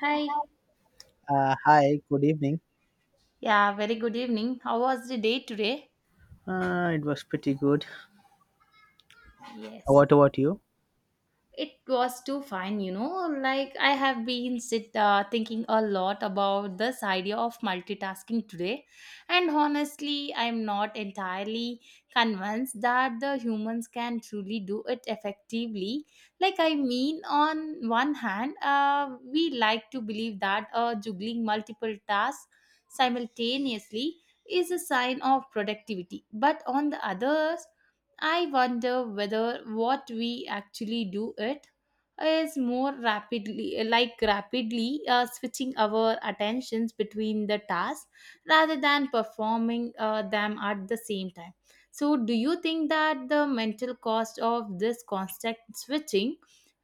Hi. Hi, good evening. Yeah, very good evening. How was the day today? It was pretty good. Yes. What about you? It was too fine, Like I have been sit thinking a lot about this idea of multitasking today, and honestly, I'm not entirely convinced that the humans can truly do it effectively. Like I mean, on one hand, we like to believe that juggling multiple tasks simultaneously is a sign of productivity, but on the other, I wonder whether what we actually do it is more rapidly switching our attentions between the tasks rather than performing them at the same time. So do you think that the mental cost of this constant switching,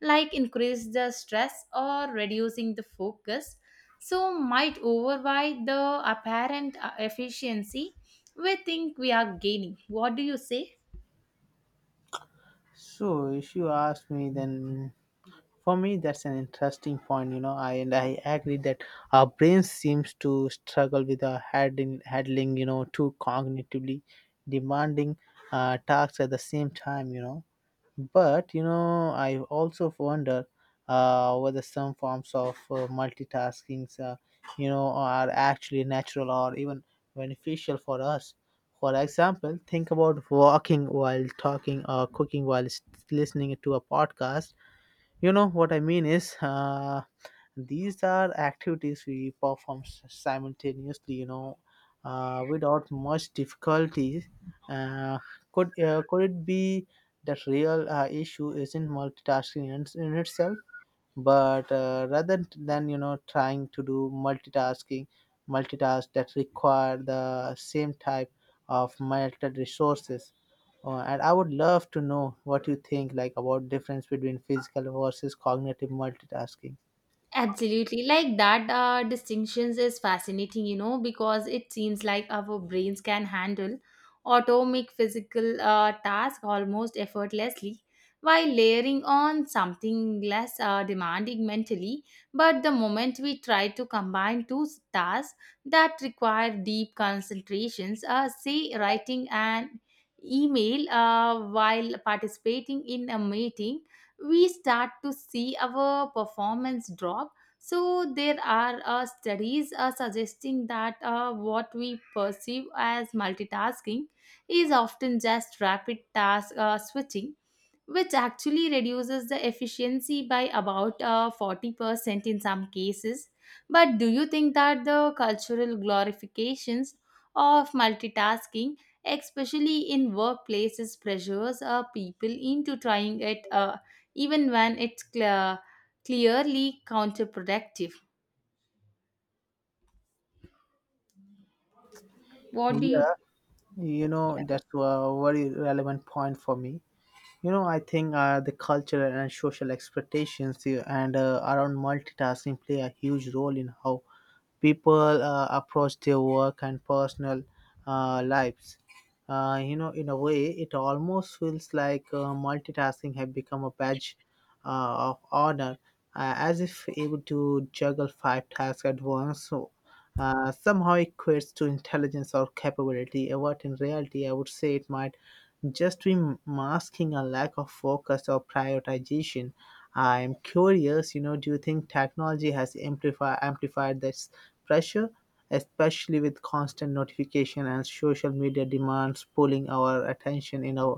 like, increase the stress or reducing the focus, so might override the apparent efficiency we think we are gaining? What do you say? So, if you ask me, then for me that's an interesting point. I agree that our brain seems to struggle with our handling, two cognitively demanding tasks at the same time. But I also wonder whether some forms of multitasking, are actually natural or even beneficial for us. For example, think about walking while talking or cooking while listening to a podcast. You know what I mean is. These are activities we perform simultaneously, without much difficulty. Uh, could it be that real issue isn't multitasking in itself, but rather than trying to do multitask that require the same type of melted resources. And I would love to know what you think, like about difference between physical versus cognitive multitasking. Absolutely. Like that distinctions is fascinating, you know, because it seems like our brains can handle atomic physical tasks almost effortlessly while layering on something less demanding mentally. But the moment we try to combine two tasks that require deep concentrations, say writing an email while participating in a meeting, we start to see our performance drop. So, there are studies suggesting that what we perceive as multitasking is often just rapid task switching, which actually reduces the efficiency by about 40% in some cases. But do you think that the cultural glorifications of multitasking, especially in workplaces, pressures people into trying it even when it's clearly counterproductive? What do you? Yeah, that's a very relevant point for me. I think the cultural and social expectations and around multitasking play a huge role in how people approach their work and personal lives. In a way, it almost feels like multitasking had become a badge of honor, as if able to juggle five tasks at once. So, somehow equates to intelligence or capability, what in reality I would say it might just be masking a lack of focus or prioritization. I'm curious, do you think technology has amplified this pressure, especially with constant notification and social media demands pulling our attention in a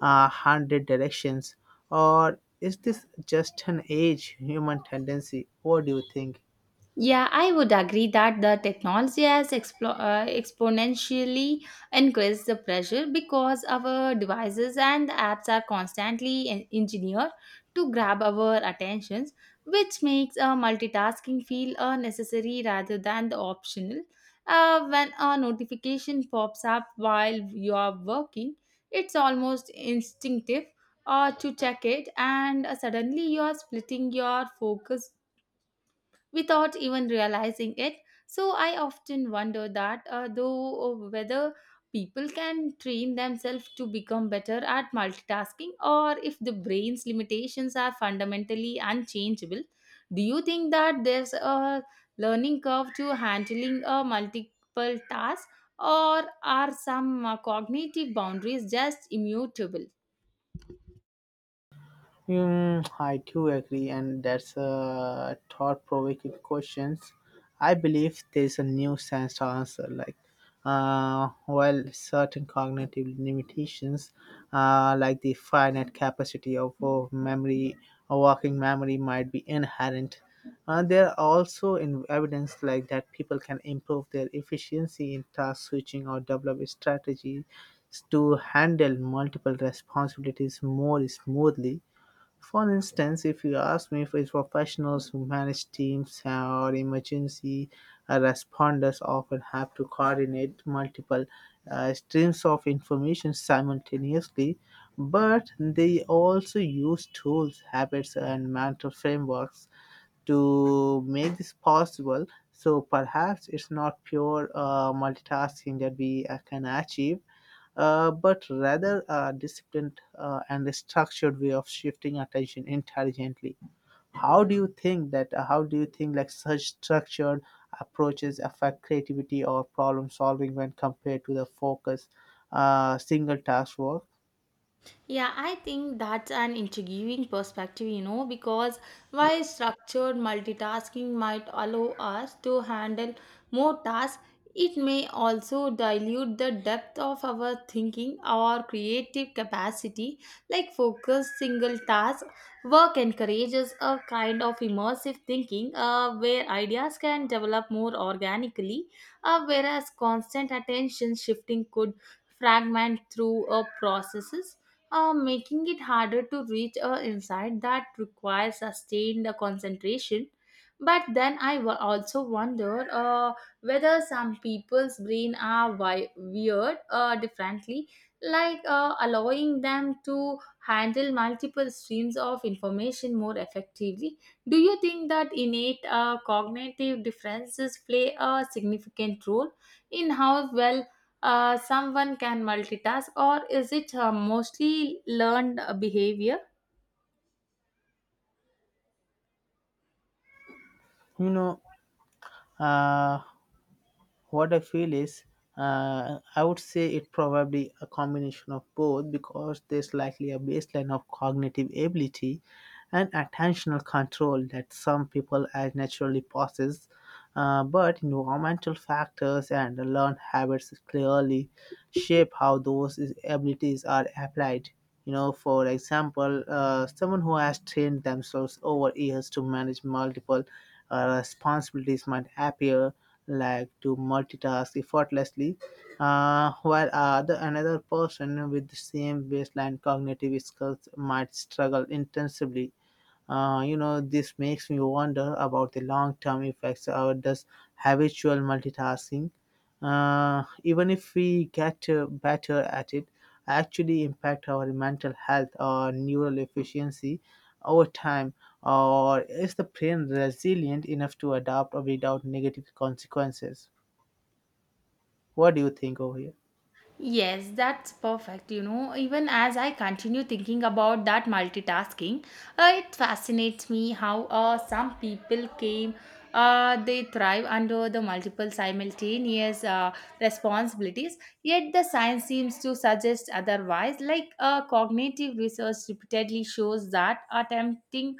hundred directions? Or is this just an age human tendency? What do you think? Yeah, I would agree that the technology has exponentially increased the pressure because our devices and apps are constantly engineered to grab our attentions, which makes multitasking feel necessary rather than the optional. When a notification pops up while you are working, it's almost instinctive to check it, and suddenly you are splitting your focus without even realizing it. So I often wonder that though whether people can train themselves to become better at multitasking, or if the brain's limitations are fundamentally unchangeable. Do you think that there's a learning curve to handling a multiple task, or are some cognitive boundaries just immutable? Hmm, I do agree, and that's a thought-provoking questions. I believe there's a new sense to answer. Like, while certain cognitive limitations, like the finite capacity of memory, or working memory, might be inherent. There are also in evidence like that people can improve their efficiency in task switching or develop strategies to handle multiple responsibilities more smoothly. For instance, if you ask me, if it's professionals who manage teams or emergency responders often have to coordinate multiple streams of information simultaneously, but they also use tools, habits, and mental frameworks to make this possible. So perhaps it's not pure multitasking that we can achieve, but rather a disciplined and a structured way of shifting attention intelligently. How do you think that how do you think like such structured approaches affect creativity or problem solving when compared to the focus single task work? Yeah, I think that's an intriguing perspective, you know, because while structured multitasking might allow us to handle more tasks, it may also dilute the depth of our thinking or creative capacity. Like, focused single task work encourages a kind of immersive thinking where ideas can develop more organically, whereas constant attention shifting could fragment through processes, making it harder to reach a insight that requires sustained concentration. But then I also wonder whether some people's brain are weird differently, like allowing them to handle multiple streams of information more effectively. Do you think that innate cognitive differences play a significant role in how well someone can multitask, or is it mostly learned behavior? you know uh, What I feel is, I would say it probably a combination of both because there's likely a baseline of cognitive ability and attentional control that some people as naturally possess, but environmental factors and learned habits clearly shape how those is- abilities are applied. You know, for example, someone who has trained themselves over years to manage multiple responsibilities might appear like to multitask effortlessly, while the another person with the same baseline cognitive skills might struggle intensively. This makes me wonder about the long-term effects. Or does habitual multitasking, even if we get better at it, actually impact our mental health or neural efficiency over time, or is the brain resilient enough to adapt without negative consequences? What do you think over here? Yes, that's perfect. You know, even as I continue thinking about that multitasking, it fascinates me how some people came, they thrive under the multiple simultaneous responsibilities, yet the science seems to suggest otherwise. Like cognitive research repeatedly shows that attempting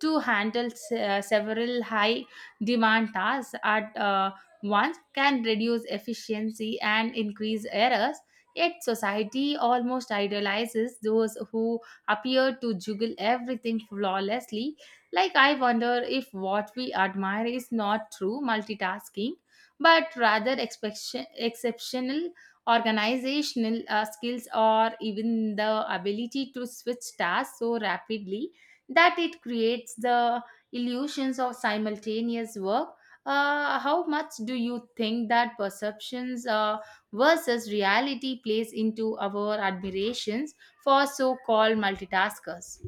to handle several high demand tasks at once can reduce efficiency and increase errors. Yet society almost idolizes those who appear to juggle everything flawlessly. Like, I wonder if what we admire is not true multitasking, but rather exceptional organizational skills, or even the ability to switch tasks so rapidly that it creates the illusions of simultaneous work. How much do you think that perceptions versus reality plays into our admirations for so called multitaskers?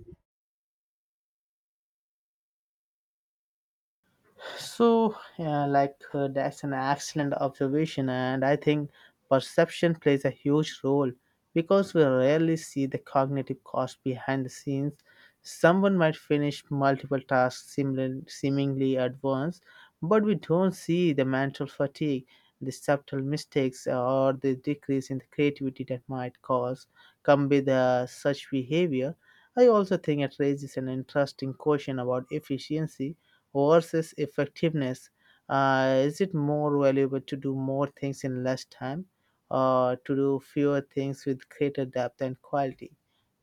So, yeah, like that's an excellent observation, and I think perception plays a huge role because we rarely see the cognitive cost behind the scenes. Someone might finish multiple tasks seemingly at once, but we don't see the mental fatigue, the subtle mistakes, or the decrease in the creativity that might cause come with such behavior. I also think it raises an interesting question about efficiency versus effectiveness. Is it more valuable to do more things in less time or to do fewer things with greater depth and quality?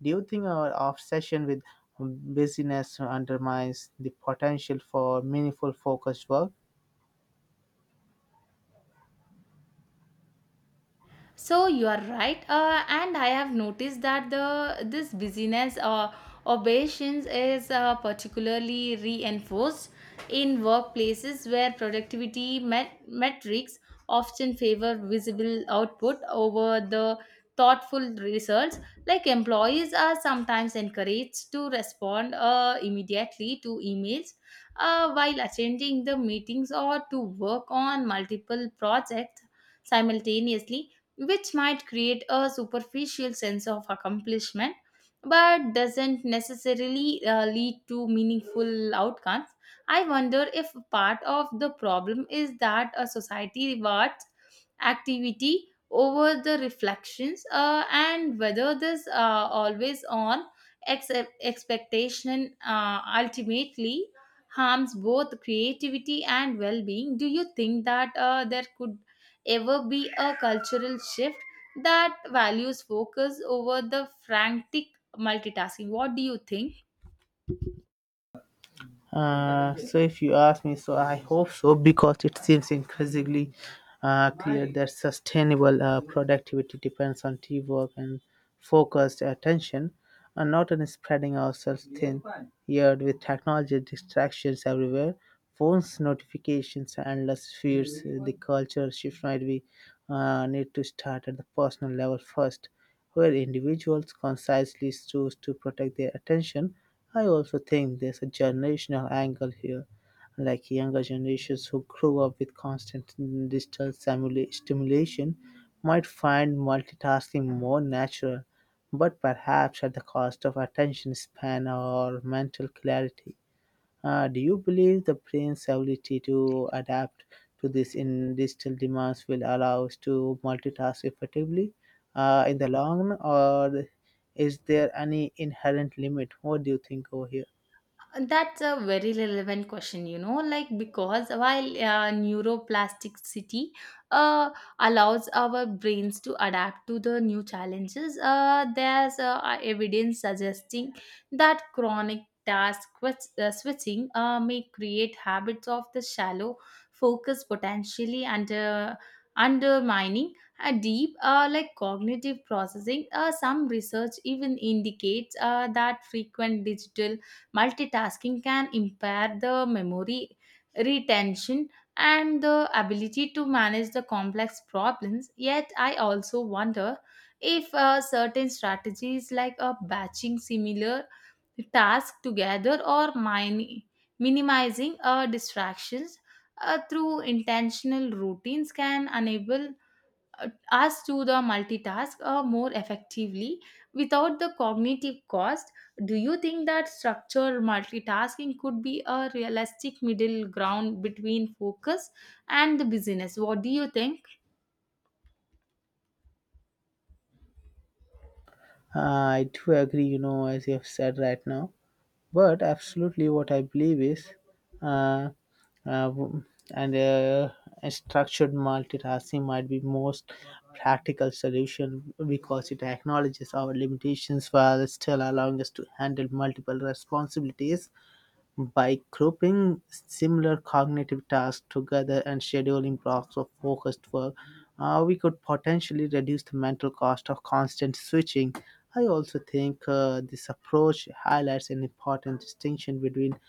Do you think our obsession with busyness undermines the potential for meaningful focused work? So you are right, and I have noticed that the this busyness or obeisance is particularly reinforced in workplaces where productivity metrics often favor visible output over the thoughtful results. Like, employees are sometimes encouraged to respond immediately to emails while attending the meetings, or to work on multiple projects simultaneously, which might create a superficial sense of accomplishment but doesn't necessarily lead to meaningful outcomes. I wonder if part of the problem is that a society rewards activity over the reflections, and whether this always on ex- expectation ultimately harms both creativity and well-being. Do you think that there could ever be a cultural shift that values focus over the frantic multitasking? What do you think? So if you ask me, so I hope so because it seems increasingly clear that sustainable productivity depends on teamwork and focused attention and not on spreading ourselves thin. Yet with technology distractions everywhere, phones, notifications, endless feeds, the culture shift might be need to start at the personal level first, where individuals consciously choose to protect their attention. I also think there's a generational angle here, like younger generations who grew up with constant digital stimulation might find multitasking more natural, but perhaps at the cost of attention span or mental clarity. Do you believe the brain's ability to adapt to this in digital demands will allow us to multitask effectively in the long run, or is there any inherent limit? What do you think over here? That's a very relevant question, you know, like, because while neuroplasticity uh, allows our brains to adapt to the new challenges, there's evidence suggesting that chronic task switching may create habits of the shallow focus, potentially, and undermining a deep like cognitive processing. Some research even indicates that frequent digital multitasking can impair the memory retention and the ability to manage the complex problems. Yet, I also wonder if certain strategies like batching similar tasks together, or minimizing distractions through intentional routines, can enable us to the multitask more effectively without the cognitive cost. Do you think that structured multitasking could be a realistic middle ground between focus and the business? What do you think? I do agree, you know, as you have said right now, but absolutely what I believe is, uh, w- and a structured multitasking might be most practical solution because it acknowledges our limitations while still allowing us to handle multiple responsibilities. By grouping similar cognitive tasks together and scheduling blocks of focused work, we could potentially reduce the mental cost of constant switching. I also think this approach highlights an important distinction between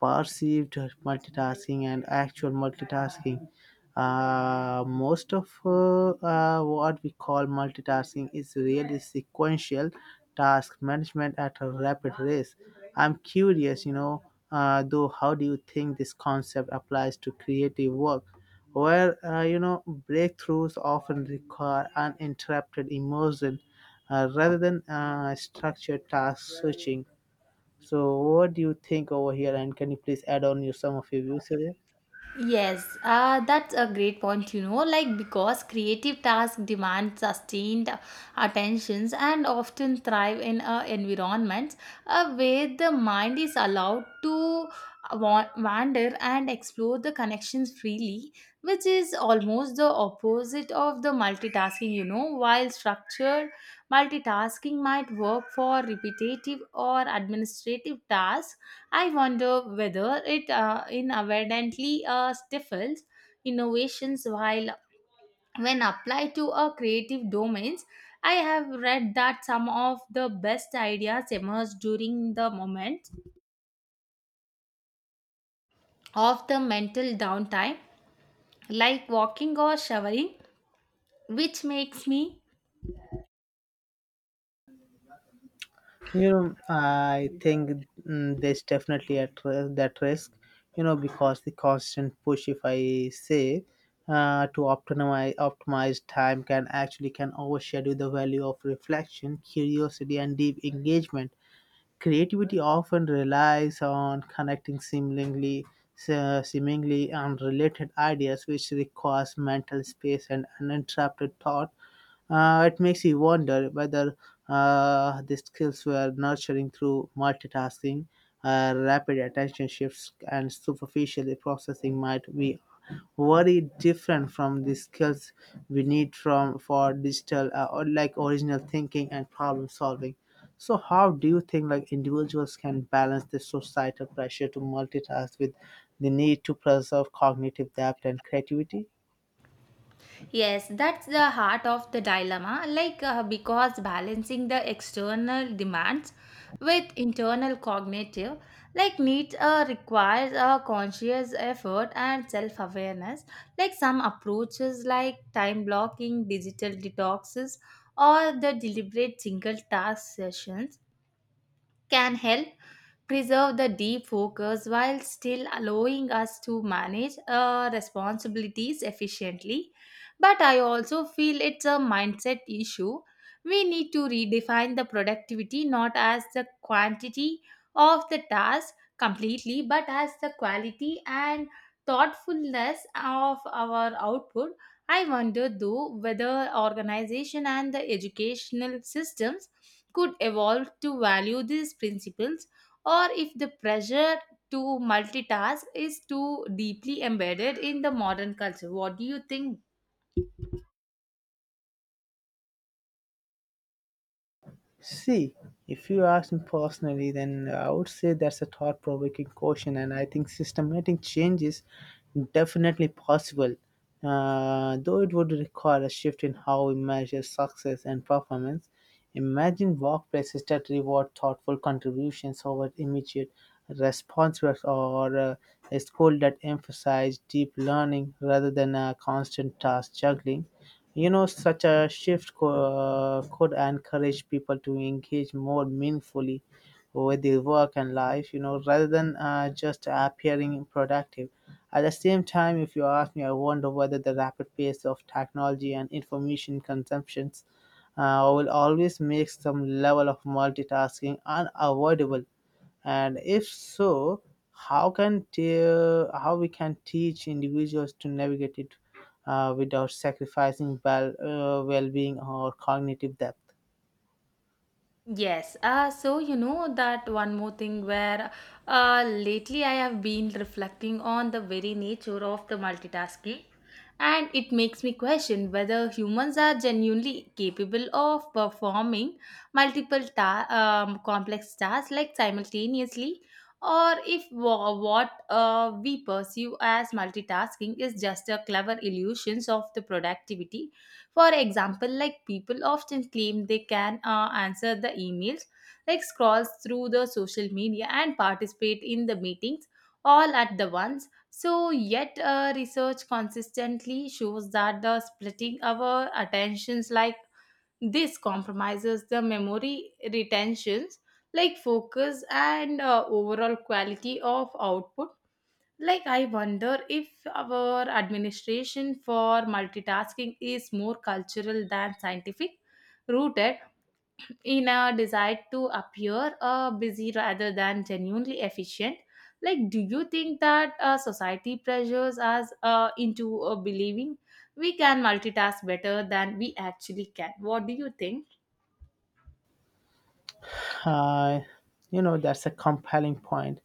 perceived multitasking and actual multitasking. Most of what we call multitasking is really sequential task management at a rapid race. I'm curious, you know, though, how do you think this concept applies to creative work, where breakthroughs often require uninterrupted immersion, rather than structured task switching? So, what do you think over here? And can you please add on your some of your views here? Yes, that's a great point, you know, like, because creative tasks demand sustained attentions and often thrive in environments where the mind is allowed to wander and explore the connections freely, which is almost the opposite of the multitasking, you know. While structured multitasking might work for repetitive or administrative tasks, I wonder whether it inadvertently stifles innovations while when applied to a creative domains. I have read that some of the best ideas emerge during the moment of the mental downtime, like walking or showering, which makes me. I think there's definitely at that risk, because the constant push, if I say, to optimize time can actually can overshadow the value of reflection, curiosity and deep engagement. Creativity often relies on connecting seemingly unrelated ideas, which requires mental space and uninterrupted thought. It makes you wonder whether the skills were nurturing through multitasking, rapid attention shifts, and superficially processing might be very different from the skills we need from for digital or like original thinking and problem solving. So how do you think like individuals can balance the societal pressure to multitask with the need to preserve cognitive depth and creativity? Yes, that's the heart of the dilemma. Like, because balancing the external demands with internal cognitive, like, needs requires a conscious effort and self awareness. Like, some approaches, like time blocking, digital detoxes, or the deliberate single task sessions, can help preserve the deep focus while still allowing us to manage responsibilities efficiently. But I also feel it's a mindset issue. We need to redefine the productivity not as the quantity of the task completely, but as the quality and thoughtfulness of our output. I wonder though whether organization and the educational systems could evolve to value these principles, or if the pressure to multitask is too deeply embedded in the modern culture. What do you think? See, if you ask me personally, then I would say that's a thought provoking question, and I think systematic change is definitely possible, though it would require a shift in how we measure success and performance. Imagine workplaces that reward thoughtful contributions over immediate responses, or a school that emphasizes deep learning rather than a constant task juggling. You know, such a shift could encourage people to engage more meaningfully with their work and life, you know, rather than just appearing productive. At the same time, if you ask me, I wonder whether the rapid pace of technology and information consumptions will always make some level of multitasking unavoidable, and if so, how can how we can teach individuals to navigate it without sacrificing well-being or cognitive depth? Yes, so you know that one more thing where lately I have been reflecting on the very nature of the multitasking, and it makes me question whether humans are genuinely capable of performing multiple complex tasks like simultaneously, or if what we pursue as multitasking is just a clever illusions of the productivity. For example, like, people often claim they can answer the emails, like scroll through the social media and participate in the meetings all at the once. So, yet research consistently shows that the splitting our attentions like this compromises the memory retentions, like focus and overall quality of output. Like, I wonder if our administration for multitasking is more cultural than scientific, rooted in a desire to appear busy rather than genuinely efficient. Like, do you think that society pressures us into believing we can multitask better than we actually can? What do you think? Uh, that's a compelling point.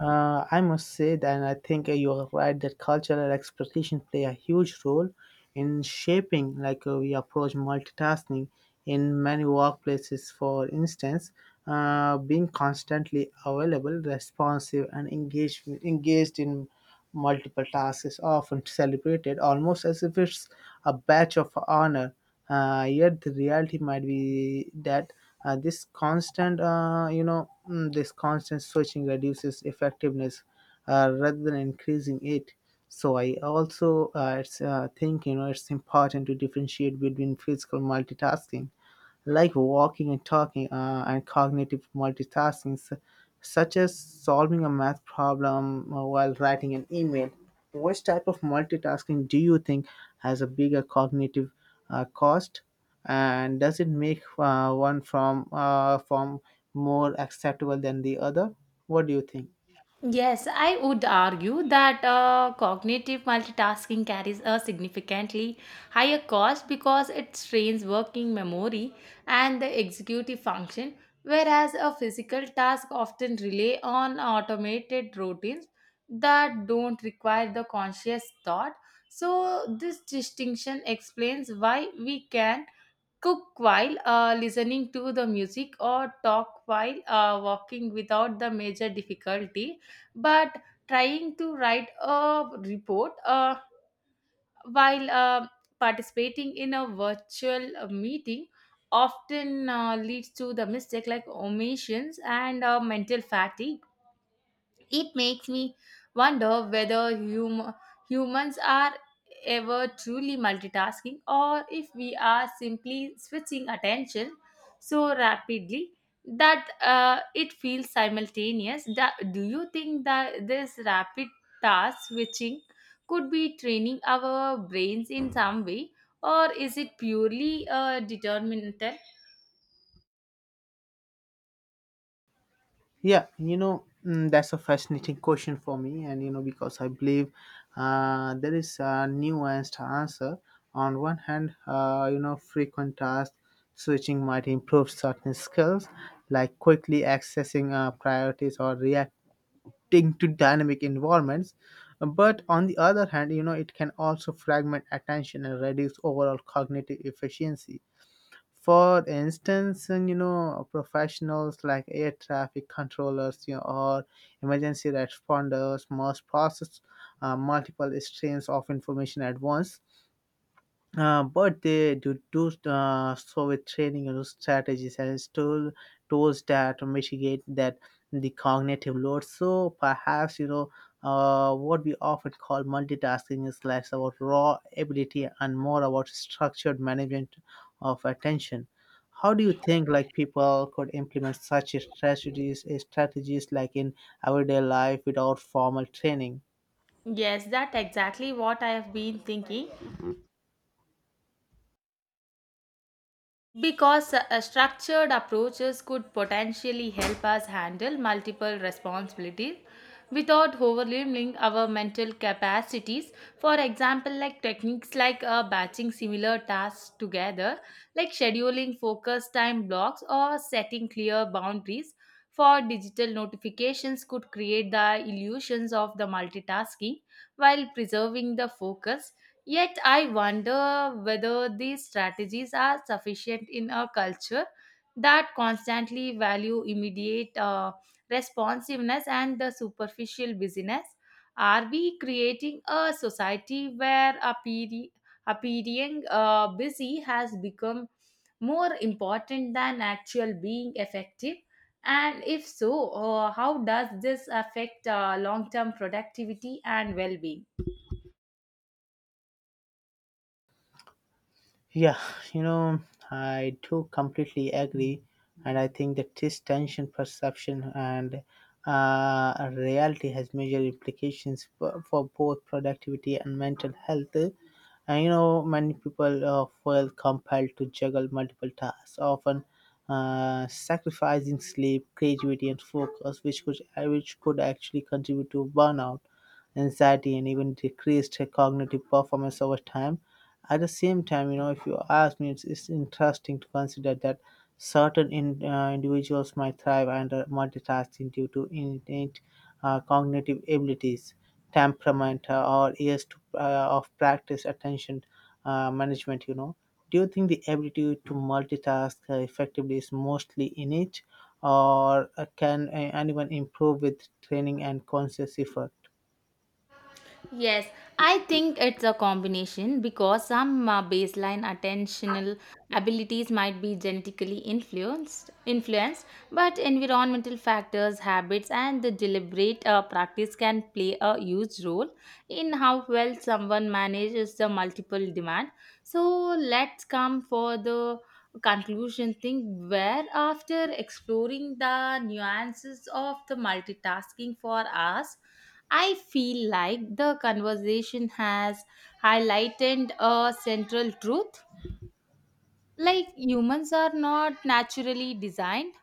I must say that I think you're right that cultural expectations play a huge role in shaping like we approach multitasking in many workplaces. For instance, being constantly available, responsive, and engaged in multiple tasks is often celebrated almost as if it's a badge of honor. Yet the reality might be that this constant, you know, mm, this constant switching reduces effectiveness rather than increasing it. So I also, think, it's important to differentiate between physical multitasking, like walking and talking, and cognitive multitasking, such as solving a math problem while writing an email. Which type of multitasking do you think has a bigger cognitive cost, and does it make one from form more acceptable than the other? What do you think? Yes, I would argue that cognitive multitasking carries a significantly higher cost because it strains working memory and the executive function, whereas a physical task often rely on automated routines that don't require the conscious thought. So, this distinction explains why we can cook while listening to the music, or talk while walking, without the major difficulty. But trying to write a report while participating in a virtual meeting often leads to the mistake, like omissions and mental fatigue. It makes me wonder whether humans are ever truly multitasking, or if we are simply switching attention so rapidly that it feels simultaneous. Do you think that this rapid task switching could be training our brains in some way? Or is it purely determinant? Yeah, that's a fascinating question for me, and you know, because I believe there is a nuanced answer. On one hand, frequent task switching might improve certain skills, like quickly accessing priorities or reacting to dynamic environments. But on the other hand, you know, it can also fragment attention and reduce overall cognitive efficiency. For instance, professionals like air traffic controllers, or emergency responders must process multiple streams of information at once, but they do so with training and strategies and still tools that mitigate that the cognitive load. So perhaps what we often call multitasking is less about raw ability and more about structured management of attention. How do you think like people could implement such strategies like in everyday life without formal training? Yes, that exactly what I have been thinking. Because structured approaches could potentially help us handle multiple responsibilities without overwhelming our mental capacities. For example, like techniques like batching similar tasks together, like scheduling focus time blocks or setting clear boundaries for digital notifications, could create the illusions of the multitasking while preserving the focus. Yet I wonder whether these strategies are sufficient in a culture that constantly value immediate responsiveness and the superficial busyness. Are we creating a society where appearing busy has become more important than actual being effective? And if so, how does this affect long term productivity and well being? Yeah, you know, I do completely agree, and I think that this tension perception and reality has major implications for both productivity and mental health. And you know, many people feel compelled to juggle multiple tasks, often sacrificing sleep, creativity, and focus, which could actually contribute to burnout, anxiety, and even decreased cognitive performance over time. At the same time, you know, if you ask me, it's interesting to consider that certain individuals might thrive under multitasking due to innate cognitive abilities, temperament, or years of practice, attention management. You know, do you think the ability to multitask effectively is mostly innate, or can anyone improve with training and conscious effort? Yes, I think it's a combination because some baseline attentional abilities might be genetically influenced, but environmental factors, habits, and the deliberate practice can play a huge role in how well someone manages the multiple demand. So let's come for the conclusion thing, where after exploring the nuances of the multitasking for us, I feel like the conversation has highlighted a central truth. Like, humans are not naturally designed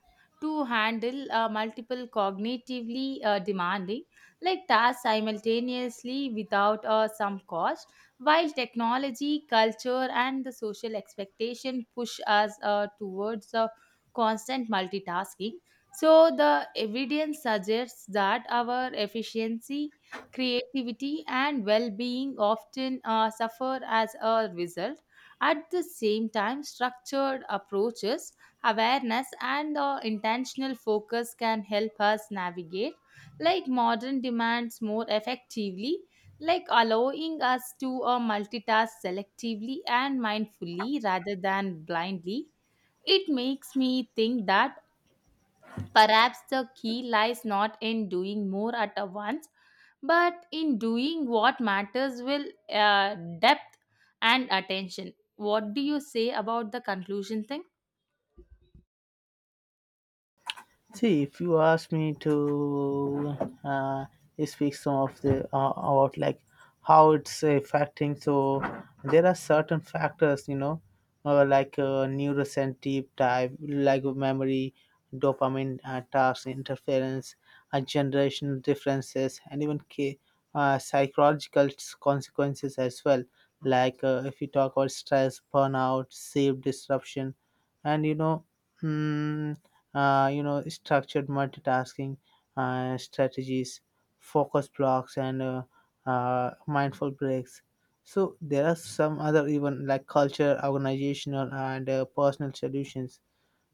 to handle multiple cognitively demanding like tasks simultaneously without some cost. While technology, culture and the social expectation push us towards constant multitasking, so the evidence suggests that our efficiency, creativity and well-being often suffer as a result. At the same time, structured approaches, awareness, and intentional focus can help us navigate like modern demands more effectively, like allowing us to multitask selectively and mindfully rather than blindly. It makes me think that perhaps the key lies not in doing more at a once, but in doing what matters with depth and attention. What do you say about the conclusion thing? See, if you ask me to uh, speak some of the about like how it's affecting, so there are certain factors, you know, like neurosensitive type, like memory, dopamine task interference, generational differences, and even psychological consequences as well. Like if you talk about stress, burnout, sleep disruption, and you know. hmm, structured multitasking strategies, focus blocks and mindful breaks. So there are some other even like culture organizational and personal solutions.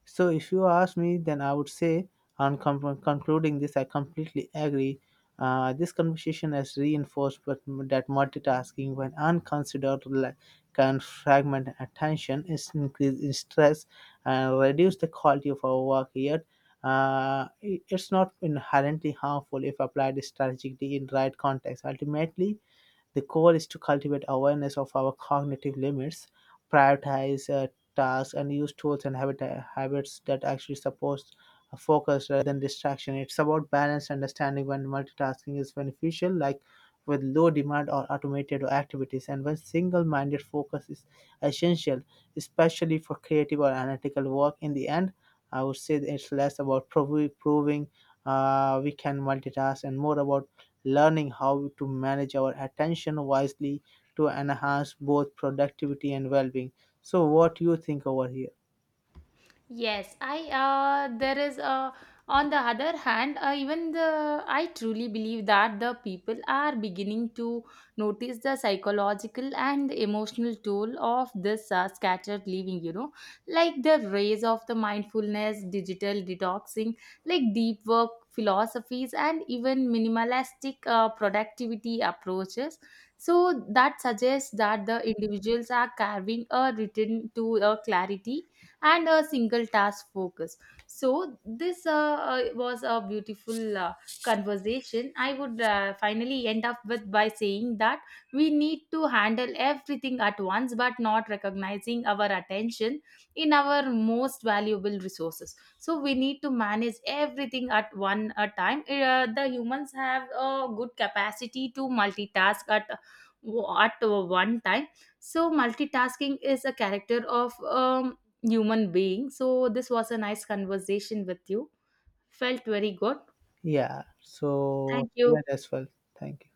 So, if you ask me, then I would say, on concluding this, I completely agree. This conversation has reinforced what, that multitasking, when unconsidered, like, can fragment attention, is increase in stress, and reduce the quality of our work. Yet, it's not inherently harmful if applied strategically in right context. Ultimately, the goal is to cultivate awareness of our cognitive limits, prioritize tasks, and use tools and habits that actually support a focus rather than distraction. It's about balanced understanding when multitasking is beneficial, like with low demand or automated activities, and when single minded focus is essential, especially for creative or analytical work. In the end, I would say that it's less about proving we can multitask and more about learning how to manage our attention wisely to enhance both productivity and well-being. So, what do you think over here? Yes, I there is on the other hand, even the I truly believe that the people are beginning to notice the psychological and emotional toll of this scattered living. You know, like the rise of the mindfulness, digital detoxing, like deep work philosophies, and even minimalistic productivity approaches. So that suggests that the individuals are carving a return to a clarity and a single task focus. So this was a beautiful conversation. I would finally end up with by saying that we need to handle everything at once but not recognizing our attention in our most valuable resources, so we need to manage everything at one a time. The humans have a good capacity to multitask at one time, so multitasking is a character of um, human being. So this was a nice conversation with you. Felt very good. Yeah. So, Thank you. even as well. Thank you.